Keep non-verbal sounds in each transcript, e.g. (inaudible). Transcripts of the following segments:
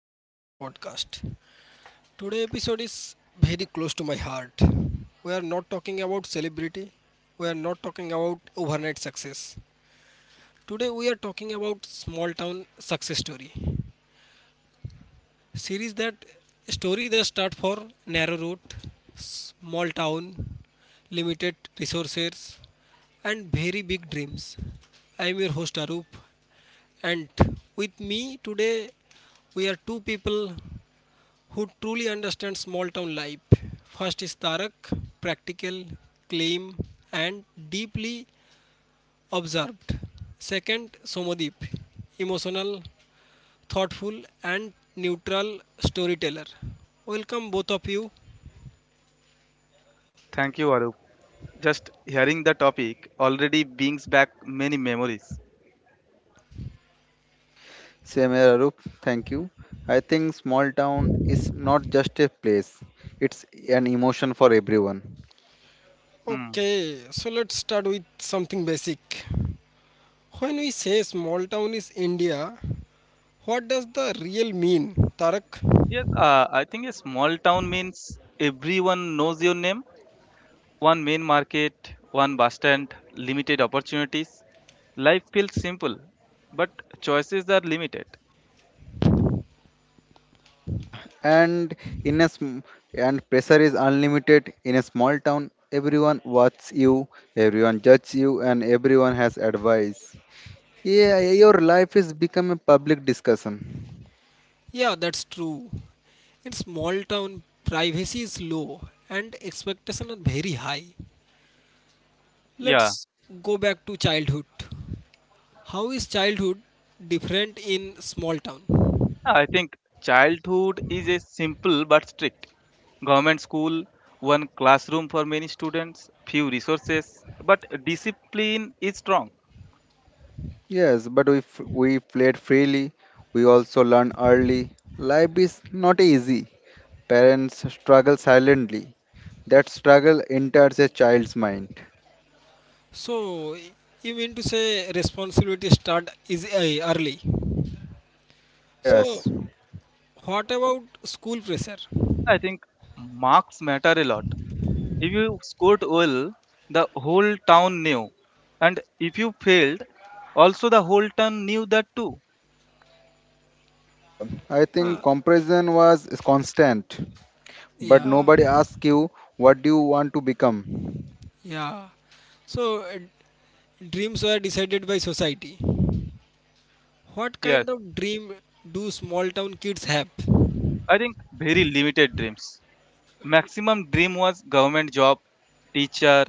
Welcome to our podcast. Today episode is very close to my heart. We are not talking about celebrity. We are not talking about overnight success. Today we are talking about small town success story. Series that story that start for narrow route, small town, limited resources and very big dreams. I am your host Arup and with me today we are two people who truly understands small town life. First is Tarak, practical, claim, and deeply observed. Second, Somodeep, emotional, thoughtful, and neutral storyteller. Welcome, both of you. Thank you, Arup. Just hearing the topic already brings back many memories. Same here, Arup. Thank you. I think small town is not just a place; it's an emotion for everyone. Hmm. Okay, so let's start with something basic. When we say small town is India, what does the real mean, Tarak? Yes, I think a small town means everyone knows your name. One main market, one bus stand, limited opportunities. Life feels simple, but choices are limited. Ah, and in a sm- and pressure is unlimited in a small town. Everyone watches you, everyone judges you, and everyone has advice. Yeah, your life is become a public discussion. Yeah, that's true. In small town, privacy is low and expectations are very high. Yeah, Let's go back to childhood. How is childhood different in small town? I think childhood is a simple but strict. Government school, one classroom for many students, few resources, but discipline is strong. Yes, but if we played freely, we also learn early. Life is not easy. Parents struggle silently. That struggle enters a child's mind. So, you mean to say responsibility start is early. Yes, So, what about school pressure? I think marks matter a lot. If you scored well, the whole town knew. And if you failed, also the whole town knew that too. I think comparison was constant, but Yeah, nobody asks you what do you want to become. yeah. So, dreams were decided by society. What Yes, kind of dream do small town kids have? I think very limited dreams. Maximum dream was government job, teacher,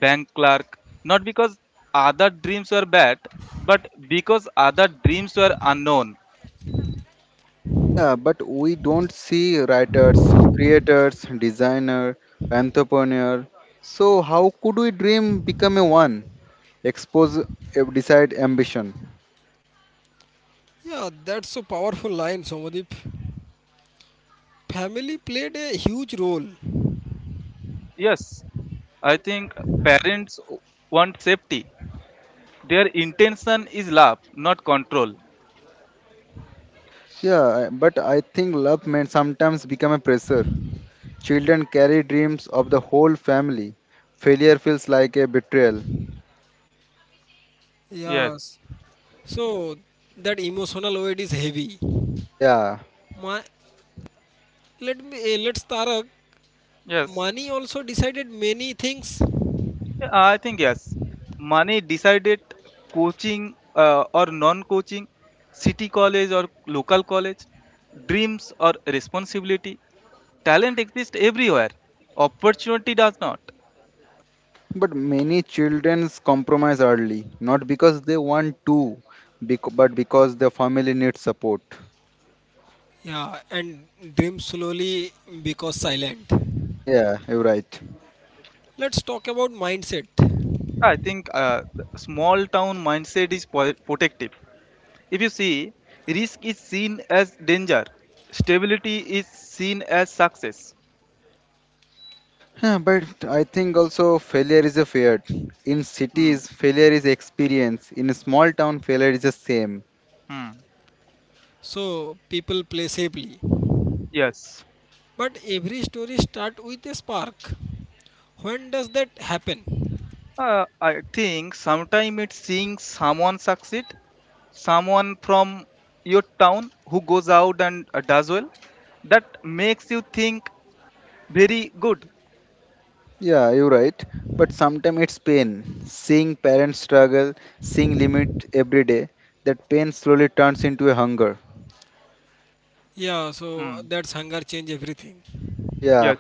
bank clerk. Not because other dreams were bad, but because other dreams were unknown. Yeah, but we don't see writers, creators, designer, entrepreneur. So how could we dream become a one? Expose, decide ambition. Yeah, that's a powerful line, Somadeep. Family played a huge role. Yes, I think Yeah, yeah, parents want safety. Their intention is love, not control. But I think love may sometimes become a pressure. Children carry dreams of the whole family. Failure feels like a betrayal. Yes. Yes. So that emotional weight is heavy. Yeah, My, let me let's Tarak. Yes, Money also decided many things. I think yes. Money decided coaching or non-coaching, city college or local college, dreams or responsibility. Talent exists everywhere. Opportunity does not. but many children compromise early, not because they want to, but because their family needs support. Yeah, and dream slowly because silent. Yeah, you're right. Let's talk about mindset. I think the small town mindset is protective. If you see, risk is seen as danger. Stability is seen as success. But I think also failure is a fear. In Hmm. cities, failure is experience. In a small town, failure is the same. Hmm. So people play safely, Yes. but every story start with a spark. When does that happen? I think sometimes it's seeing someone succeed, someone from your town who goes out and does well, that makes you think very good. Yeah, you're right. But sometimes it's pain. Seeing parents struggle, seeing limit every day, that pain slowly turns into a hunger. Yeah, so Mm. that's hunger change everything. Yeah, Yes.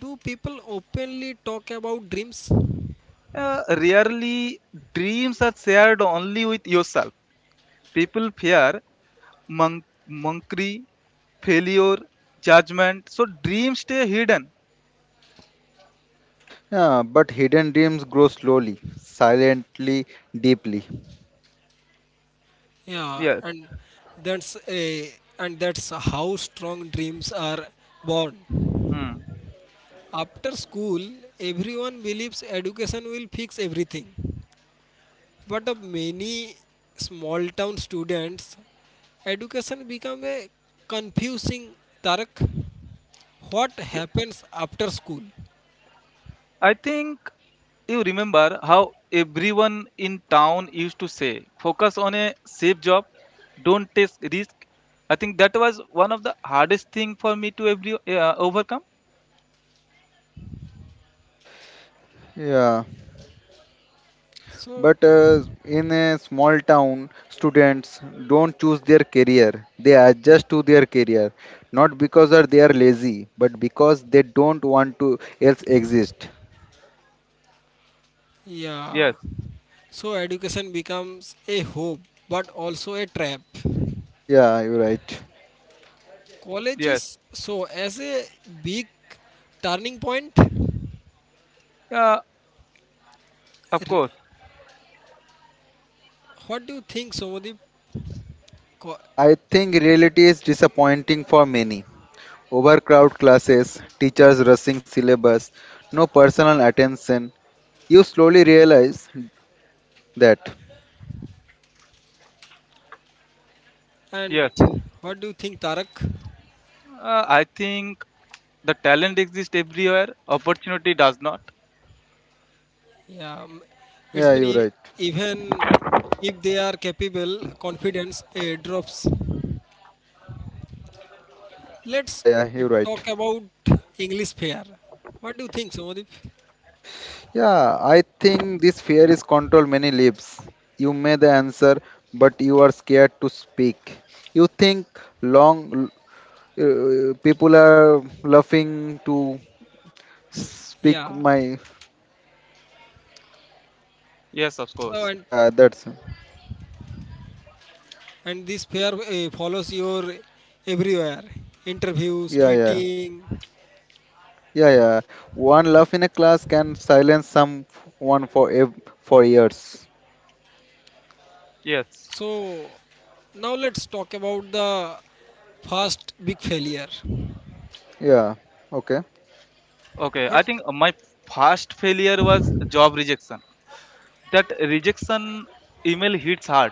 Do people openly talk about dreams? Rarely dreams are shared only with yourself. People fear monkery, failure, judgment, so dreams stay hidden. yeah. But hidden dreams grow slowly, silently, deeply. Yeah, Yes. and that's a and that's how strong dreams are born. Mm. After school, everyone believes education will fix everything. But of many small town students, education become a confusing tarak. What happens after school? I think you remember how everyone in town used to say, focus on a safe job, don't take risk. I think that was one of the hardest thing for me to overcome. Yeah. So But in a small town, students don't choose their career. They adjust to their career, not because that they are lazy, but because they don't want to else exist. yeah. Yes, So education becomes a hope but also a trap. Yeah, you're right. College yes, is so as a big turning point. Uh, of course. What do you think, Somadip? Co- Yeah, I think reality is disappointing for many. Overcrowded classes, teachers rushing syllabus, no personal attention. You slowly realize that. And Yes, what do you think, Tarak? I think the talent exists everywhere, opportunity does not. Yeah, it's Yeah, mean you're right. even if they are capable, confidence drops. Let's Yeah, you're right. talk about English pair. What do you think, Somadip? Yeah, I think this fear is control many lives. You may the answer, but you are scared to speak. You think long people are laughing to speak Yeah. my. Yes, of So course. and Yeah, that's. and this pair follows your everywhere, interviews, Yeah, yeah, meeting. yeah. One laugh in a class can silence someone for years. Yes. So now let's talk about the first big failure. Yeah. Okay. Okay, I But think my first failure was job rejection. That rejection email hits hard.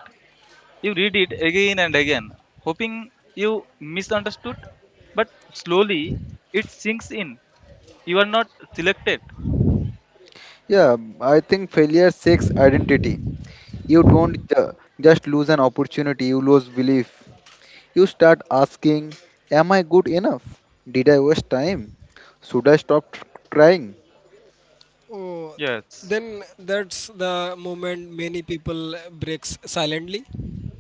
You read it again and again, hoping you misunderstood, but slowly it sinks in. You are not selected. Yeah, I think failure shakes identity. You don't just lose an opportunity, you lose belief. You start asking, am I good enough? Did I waste time? Should I stop trying? oh, Yes. then that's the moment many people breaks silently.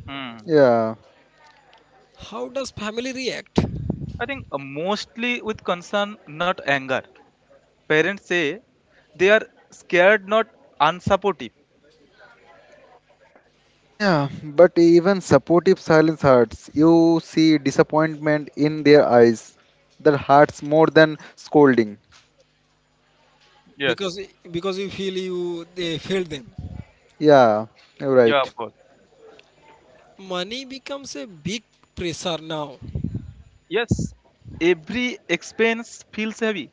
Hmm. Yeah. How does family react? I think mostly with concern, not anger. Parents say they are scared, not unsupportive. Yeah, but even supportive silence hurts. You see disappointment in their eyes. That hurts more than scolding. Because Yes. because you feel you they failed them. Yeah, you're Yeah, right. both. Money becomes a big pressure now. Yes. Every expense feels heavy.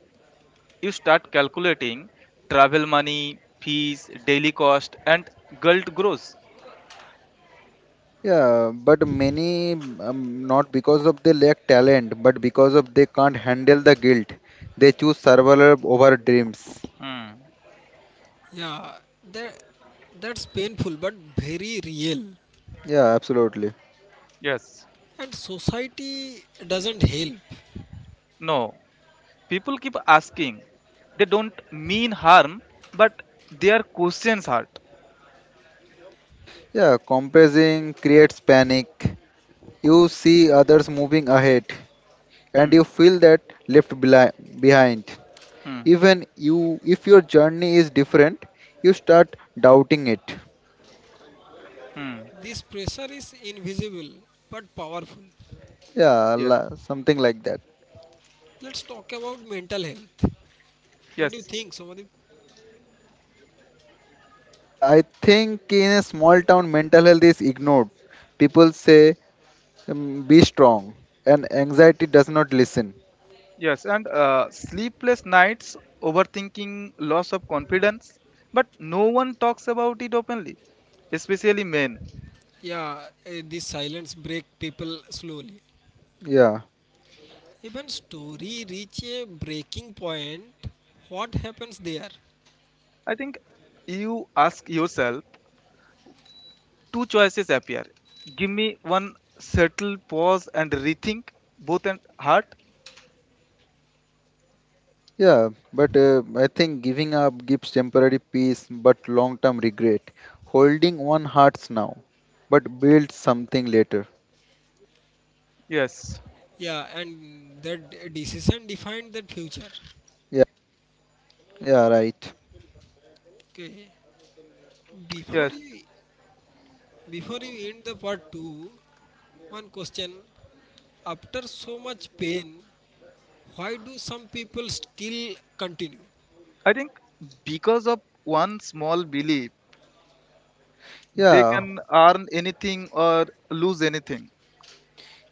You start calculating travel money, fees, daily cost, and guilt grows. Yeah, but many not because of they lack talent, but because of they can't handle the guilt. They choose survival over dreams. Hmm. Yeah, that that's painful but very real. Yeah, absolutely. Yes. And society doesn't help. No, people keep asking. They don't mean harm, but their questions hurt. Yeah, compressing creates panic. You see others moving ahead Hmm. and you feel that left behind. Hmm. Even you if your journey is different, you start doubting it. Hmm. This pressure is invisible but powerful. Yeah, Yes. la- something like that. Let's talk about mental health. What do you Yes. think, Somadip? Yeah, I think in a small town, mental health is ignored. People say, be strong, and anxiety does not listen. Yes. And Sleepless nights, overthinking, loss of confidence, but no one talks about it openly, especially men. Yeah, this silence break people slowly. Yeah. Even story reach a breaking point. What happens there? I think you ask yourself two choices appear. Give me one settle, pause, and rethink both and heart. Yeah, but I think giving up gives temporary peace but long term regret. Holding one hurts now, but builds something later. Yes. Yeah, and that decision defined that future. Yeah, yeah, right. Okay, before Yes. you before you end the part two, one question: After so much pain, why do some people still continue? I think because of one small belief, they Yeah, can earn anything or lose anything.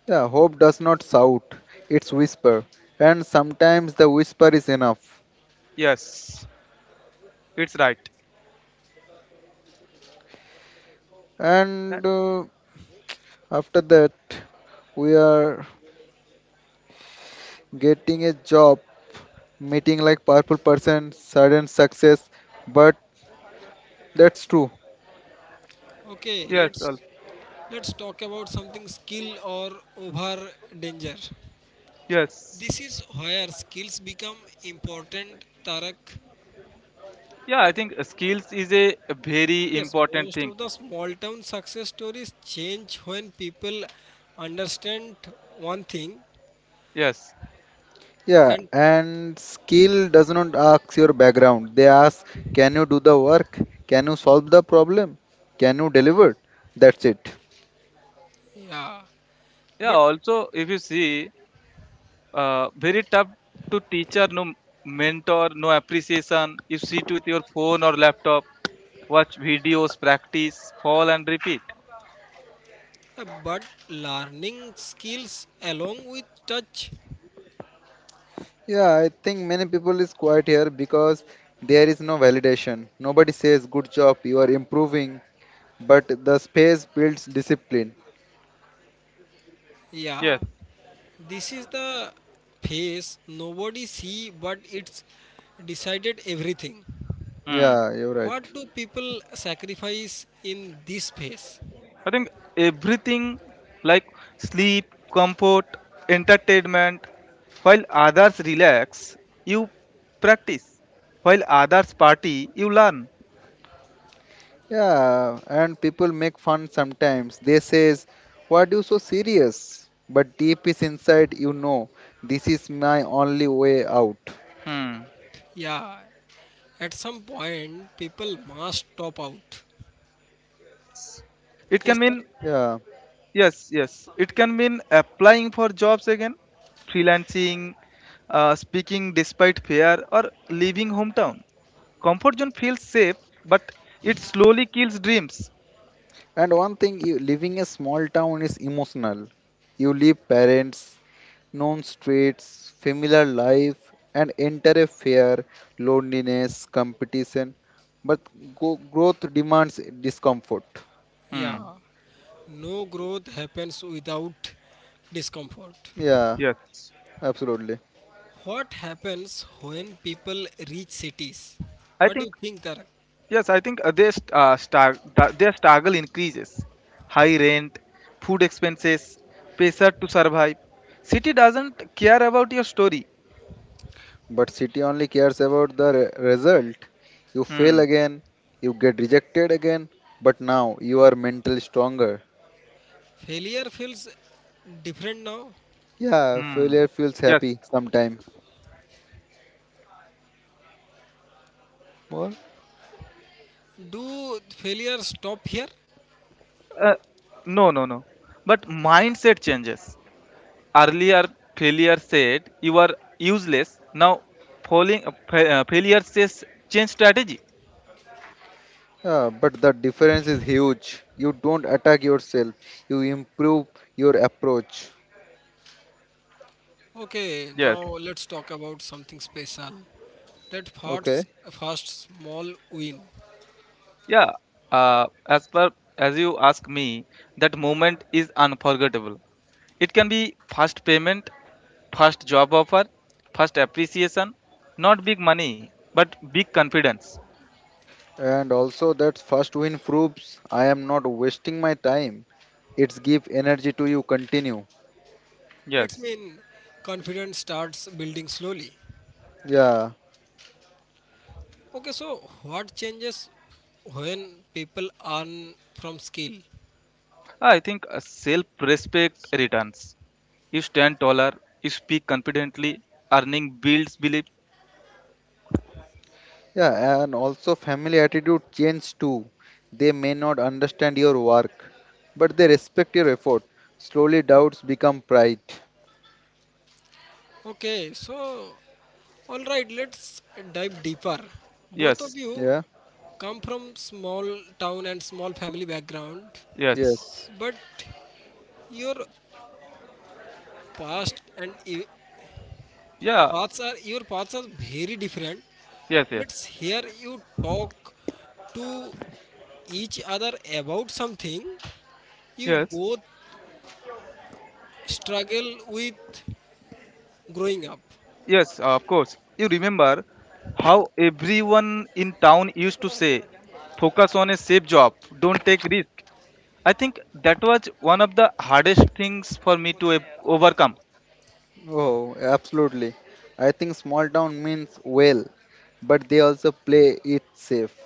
yeah, hope does not shout, it's whisper. And sometimes the whisper is enough. Yes, it's right. That- And after that, we are getting a job, meeting like powerful person, sudden success. But that's true. Okay, Yes, let's Alf. Talk about something skill or over danger. Yes. This is where skills become important, Tarak. Yeah, I think skills is a very Yes, important most thing. of the small town success stories change when people understand one thing Yes. Yeah, and and skill does not ask your background. They ask, can you do the work? Can you solve the problem? Can you deliver? That's it. yeah, Yeah, but also, if you see, very tough to teacher, no mentor, no appreciation. You sit with your phone or laptop, watch videos, practice, fall and repeat. Learning skills along with touch. Yeah, I think many people is quiet here because there is no validation. Nobody says, good job, you are improving. But the space builds discipline. Yeah, Yes. this is the phase nobody see but it's decided everything. Hmm. Yeah, you're What right. do people sacrifice in this phase? I think everything like sleep, comfort, entertainment, while others relax, you practice. While others party, you learn. Yeah, and people make fun sometimes. They says, "Why are you so serious?" But deep is inside, you know, this is my only way out. Hmm. Yeah, at some point people must top out. It can Yes, sir. mean, Yeah, yes, yes. It can mean applying for jobs again, freelancing, speaking despite fear, or leaving hometown. Comfort zone feels safe, but it slowly kills dreams. and one thing, you, living a small town is emotional. You leave parents, known streets, familiar life, and enter a fear, loneliness, competition. But growth demands discomfort. Hmm. Yeah, no growth happens without discomfort. Yeah, Yes. absolutely. What happens when people reach cities? I What do think you think, Tarak? yes, I think their st- star- da- their struggle increases. High rent, food expenses, pressure to survive. City doesn't care about your story. But city only cares about the result. You Hmm. fail again, you get rejected again, but now you are mentally stronger. Failure feels different now. Yeah, Hmm. failure feels Yes. happy sometime. Well, Do failure stop here? Uh, no, no, no. But mindset changes. Earlier, failure said you are useless. Now, failure says change strategy. yeah, but the difference is huge. You don't attack yourself, you improve your approach. Okay, Yes. now let's talk about something special. That Okay, fast, fast small win. Yeah, uh, as per as you ask me, that moment is unforgettable. It can be first payment, first job offer, first appreciation, not big money, but big confidence. and also that first win proves I am not wasting my time. It's give energy to you continue. It's Yes, mean confidence starts building slowly. Yeah, Okay, so what changes when people earn from skill? I think self-respect returns. You stand taller, you speak confidently, earning builds belief. yeah, and also family attitude change too. They may not understand your work, but they respect your effort. Slowly doubts become pride. Okay, so all right, let's dive deeper. Both Yes, of you Yeah, come from small town and small family background, yes, yes. but your past and yeah, paths are very different. yes, yes, It's here you talk to each other about something you yes. both struggle with growing up. Yes, of course. You remember how everyone in town used to say, focus on a safe job, don't take risk. I think that was one of the hardest things for me to overcome. Oh, absolutely. I think small town means well, but they also play it safe.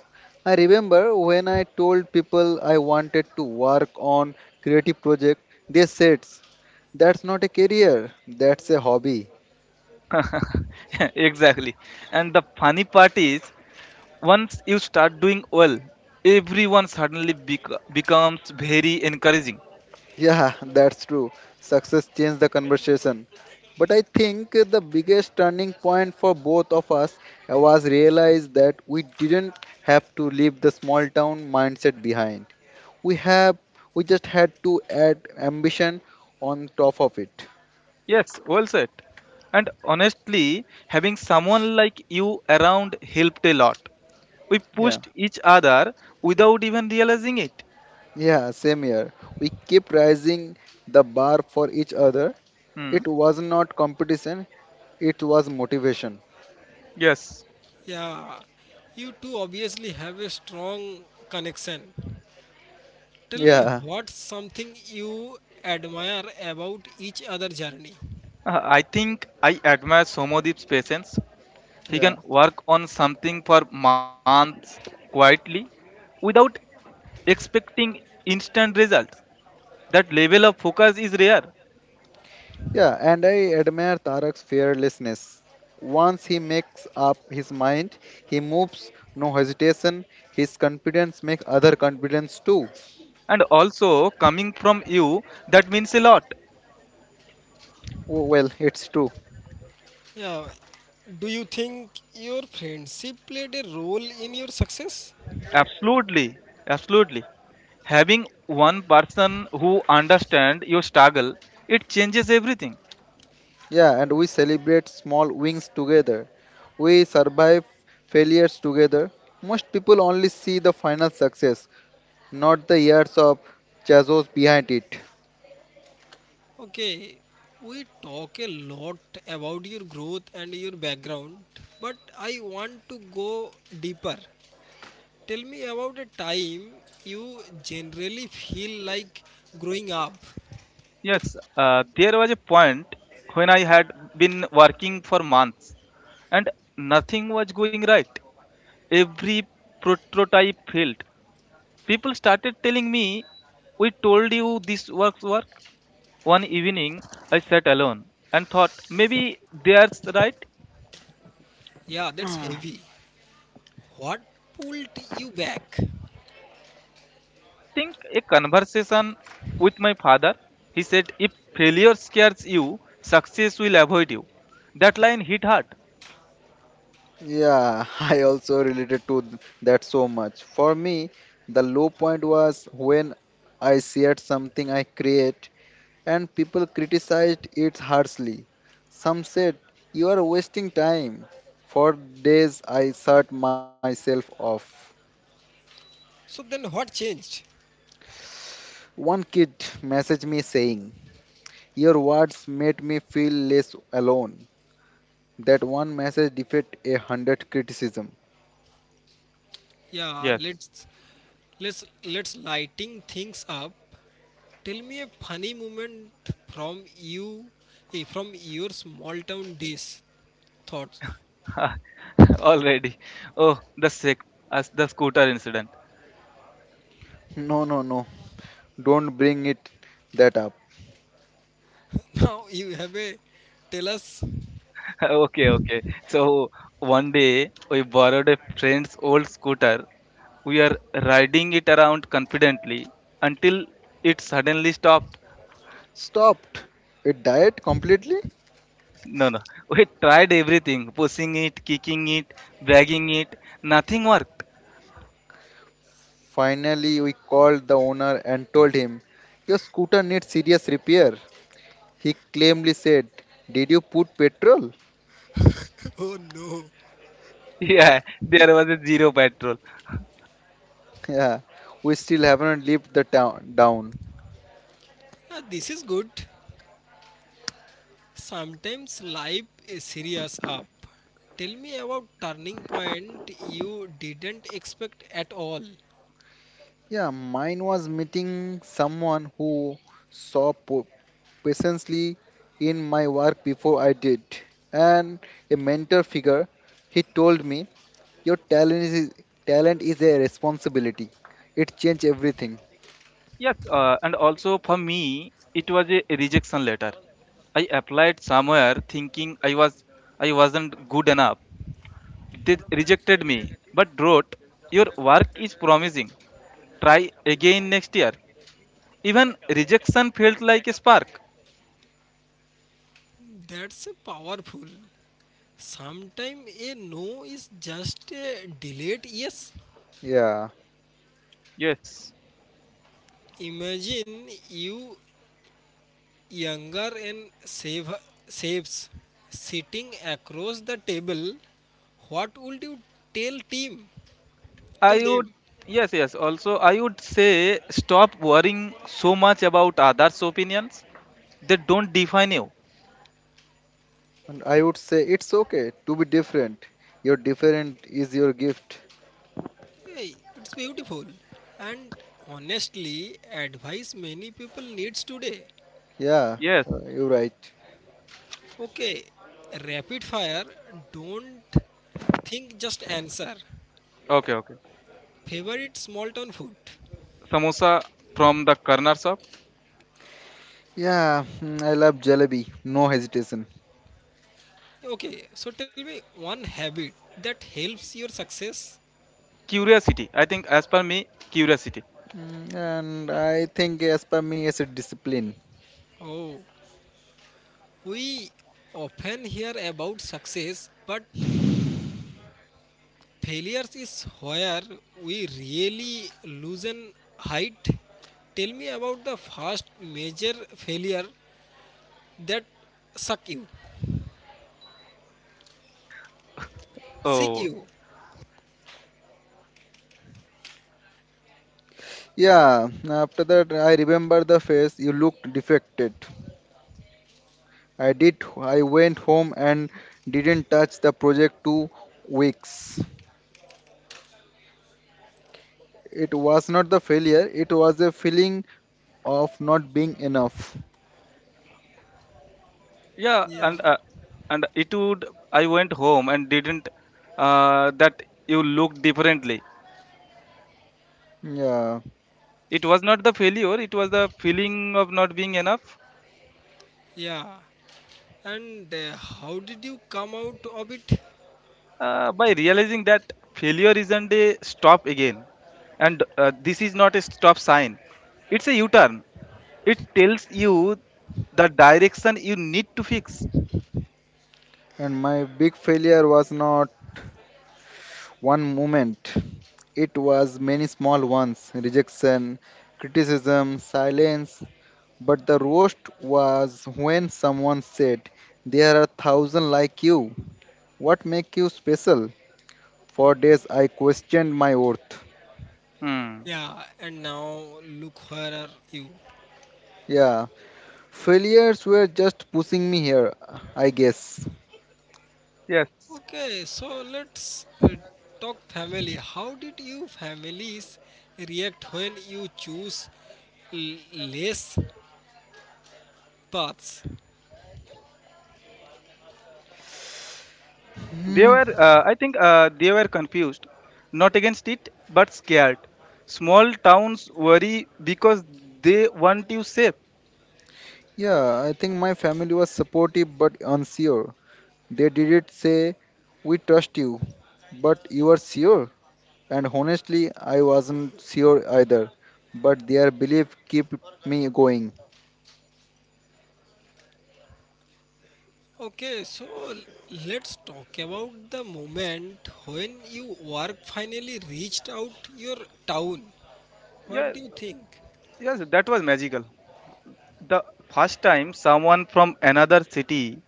I remember when I told people I wanted to work on creative project, they said, "That's not a career, that's a hobby." (laughs) Exactly. And the funny part is, once you start doing well, everyone suddenly becomes very encouraging. Yeah, (laughs) that's true. Success changed the conversation. But I think the biggest turning point for both of us was realize that we didn't have to leave the small town mindset behind. We have we just had to add ambition on top of it. Yes, well said. And honestly, having someone like you around helped a lot. We Yeah. pushed each other without even realizing it. Yeah, same here, we keep raising the bar for each other. Hmm. It was not competition, it was motivation. Yes. Yeah, you two obviously have a strong connection. Tell me, yeah what's something you admire about each other journey? I think I admire Somodip's patience. He yeah can work on something for months quietly without expecting instant results. That level of focus is rare. yeah, and I admire Tarak's fearlessness. Once he makes up his mind, he moves, no hesitation. His confidence makes other confidence too. And also, coming from you, that means a lot. Oh, well it's true. Yeah, do you think your friendship played a role in your success? Absolutely, absolutely. Having one person who understands your struggle, it changes everything. Yeah, and we celebrate small wins together. We survive failures together. Most people only see the final success, not the years of chassos behind it. Okay, we talk a lot about your growth and your background, but I want to go deeper. Tell me about a time you generally feel like growing up. Yes, there was a point when I had been working for months and nothing was going right. Every prototype failed. People started telling me, we told you this works work. One evening, I sat alone and thought, maybe they're right. Yeah, that's (sighs) heavy. What pulled you back? Think a conversation with my father. He said, if failure scares you, success will avoid you. That line hit hard. Yeah, (laughs) I also related to that so much. For me, the low point was when I shared something I create and people criticized it harshly. Some said, you are wasting time. For days, I shut myself off. So then what changed? One kid messaged me saying, your words made me feel less alone. That one message defeat a hundred criticism. Yeah, Yes, let's lighting things up. Tell me a funny moment from you from your small town days thoughts. (laughs) already. Oh, the sick, as the scooter incident. No, no, no. Don't bring it that up. Now you have a tell us. (laughs) (laughs) Okay. So one day we borrowed a friend's old scooter. We are riding it around confidently until it suddenly stopped. Stopped. It died completely. No, no. (laughs) We tried everything pushing it, kicking it, dragging it. Nothing worked. Finally, we called the owner and told him, your scooter needs serious repair. He calmly said, did you put petrol? (laughs) Oh no. Yeah, there was a zero petrol. Yeah, we still haven't left the town down. Ah, this is good. Sometimes life is serious up. Tell me about turning point you didn't expect at all. Yeah, mine was meeting someone who saw po- patiently in my work before I did, and a mentor figure. He told me, "Your talent is a responsibility. It changed everything." Yes, and also for me, it was a rejection letter. I applied somewhere thinking I wasn't good enough. They rejected me, but wrote, "Your work is promising. Try again next year." Even rejection felt like a spark. That's powerful. Sometimes a no is just a delayed yes. Yeah, Yes, Imagine you younger and saves sitting across the table. What would you tell team? Tell I would. them. Yes, yes. Also, I would say stop worrying so much about others' opinions. They don't define you. and I would say it's okay to be different. Your different is your gift. Hey, it's beautiful. And honestly, advice many people needs today. Yeah, Yes. You're right. Okay, rapid fire, don't think just answer. Okay. Okay. Favorite small town food. Samosa from the corner shop. Yeah, I love jalebi. No hesitation. Okay, so tell me one habit that helps your success. Curiosity, I think, as per me, curiosity. Mm, And I think as per me, it's a discipline. Oh, we often hear about success, but failures is where we really lose an height. Tell me about the first major failure that suck you, sick Oh, you. Yeah, after that I remember the face. You looked defected. I did. I went home and didn't touch the project 2 weeks. It was not the failure. It was a feeling of not being enough. yeah, Yeah, and it would. I went home and didn't that you looked differently. Yeah, It was not the failure; it was the feeling of not being enough. yeah. And how did you come out of it? By realizing that failure isn't a stop again, and this is not a stop sign. It's a U-turn. It tells you the direction you need to fix. and my big failure was not one moment. It was many small ones: rejection, criticism, silence. But the roast was when someone said, "There are thousand like you." What make you special? For days I questioned my worth. Hmm. Yeah, and now look where are you. Yeah, failures were just pushing me here, I guess. Yes. Okay, so let's talk family. How did you families react when you choose less paths? Hmm. I think, they were confused, not against it, but scared. Small towns worry because they want you safe. Yeah, I think my family was supportive but unsure. They didn't say, we trust you, but you are sure. And honestly, I wasn't sure either, but their belief kept me going. Okay, so let's talk about the moment when you work finally reached out your town. What Yeah, do you think? yes, that was magical. The first time someone from another city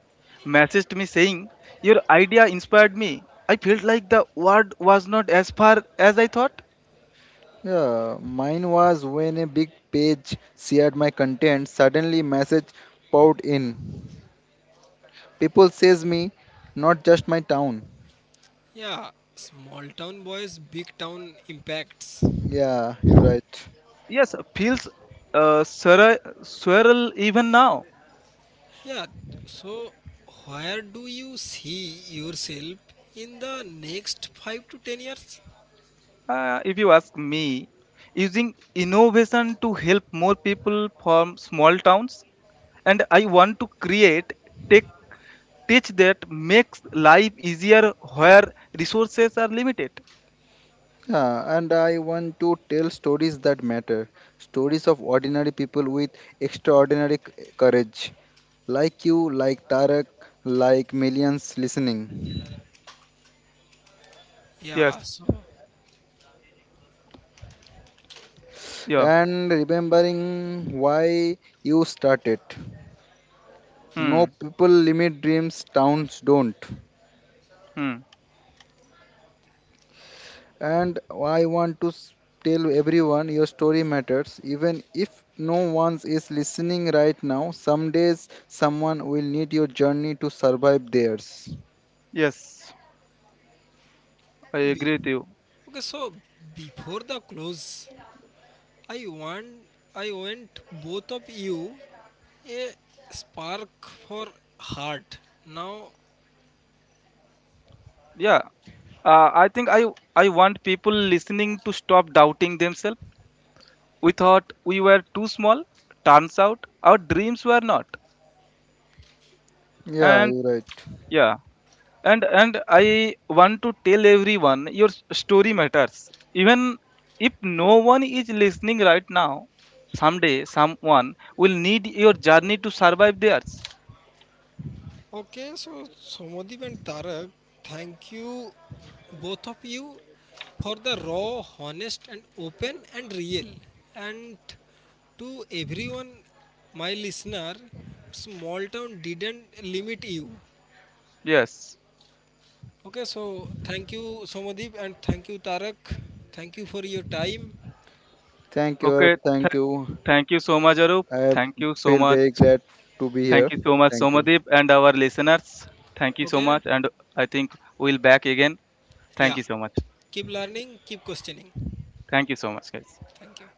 messaged me saying, "Your idea inspired me." I felt like the word was not as far as I thought. Yeah, mine was when a big page shared my content, suddenly message poured in. People says me, not just my town. Yeah, small town boys, big town impacts. Yeah, you're right. Yes, feels surreal even now. Yeah, so where do you see yourself in the next 5 to 10 years? If you ask me, using innovation to help more people from small towns, and I want to create tech teach that makes life easier where resources are limited. Yeah, and I want to tell stories that matter. Stories of ordinary people with extraordinary courage. Like you, like Tarak, like millions listening. Yes. Yeah, so Yeah. And remembering why you started. Hmm. No people limit dreams, towns don't. Hmm. And I want to tell everyone your story matters. Even if no one is listening right now, some days someone will need your journey to survive theirs. Yes. I be- agree with you. okay, so before the close, I want I want both of you a spark for heart. Now Yeah. I think I want people listening to stop doubting themselves. We thought we were too small. Turns out our dreams were not. Yeah, And you're right. yeah. And I want to tell everyone your story matters, even if no one is listening right now. Someday someone will need your journey to survive theirs. okay, so Somodip and Tarak, thank you, both of you, for the raw, honest, and open and real. And to everyone, my listener, small town didn't limit you. Yes. Okay, so thank you, Somodip, and thank you, Tarak. Thank you for your time. Thank you, Okay. Arab. Thank Th- you. thank you so much, Arup. I Thank you so feel much. very glad to be Thank here. you so much, Thank you. Somadeep, and our listeners. Thank you so Okay, much. And I think we'll back again. Thank yeah, you so much. keep learning, keep questioning. Thank you so much, guys. Thank you.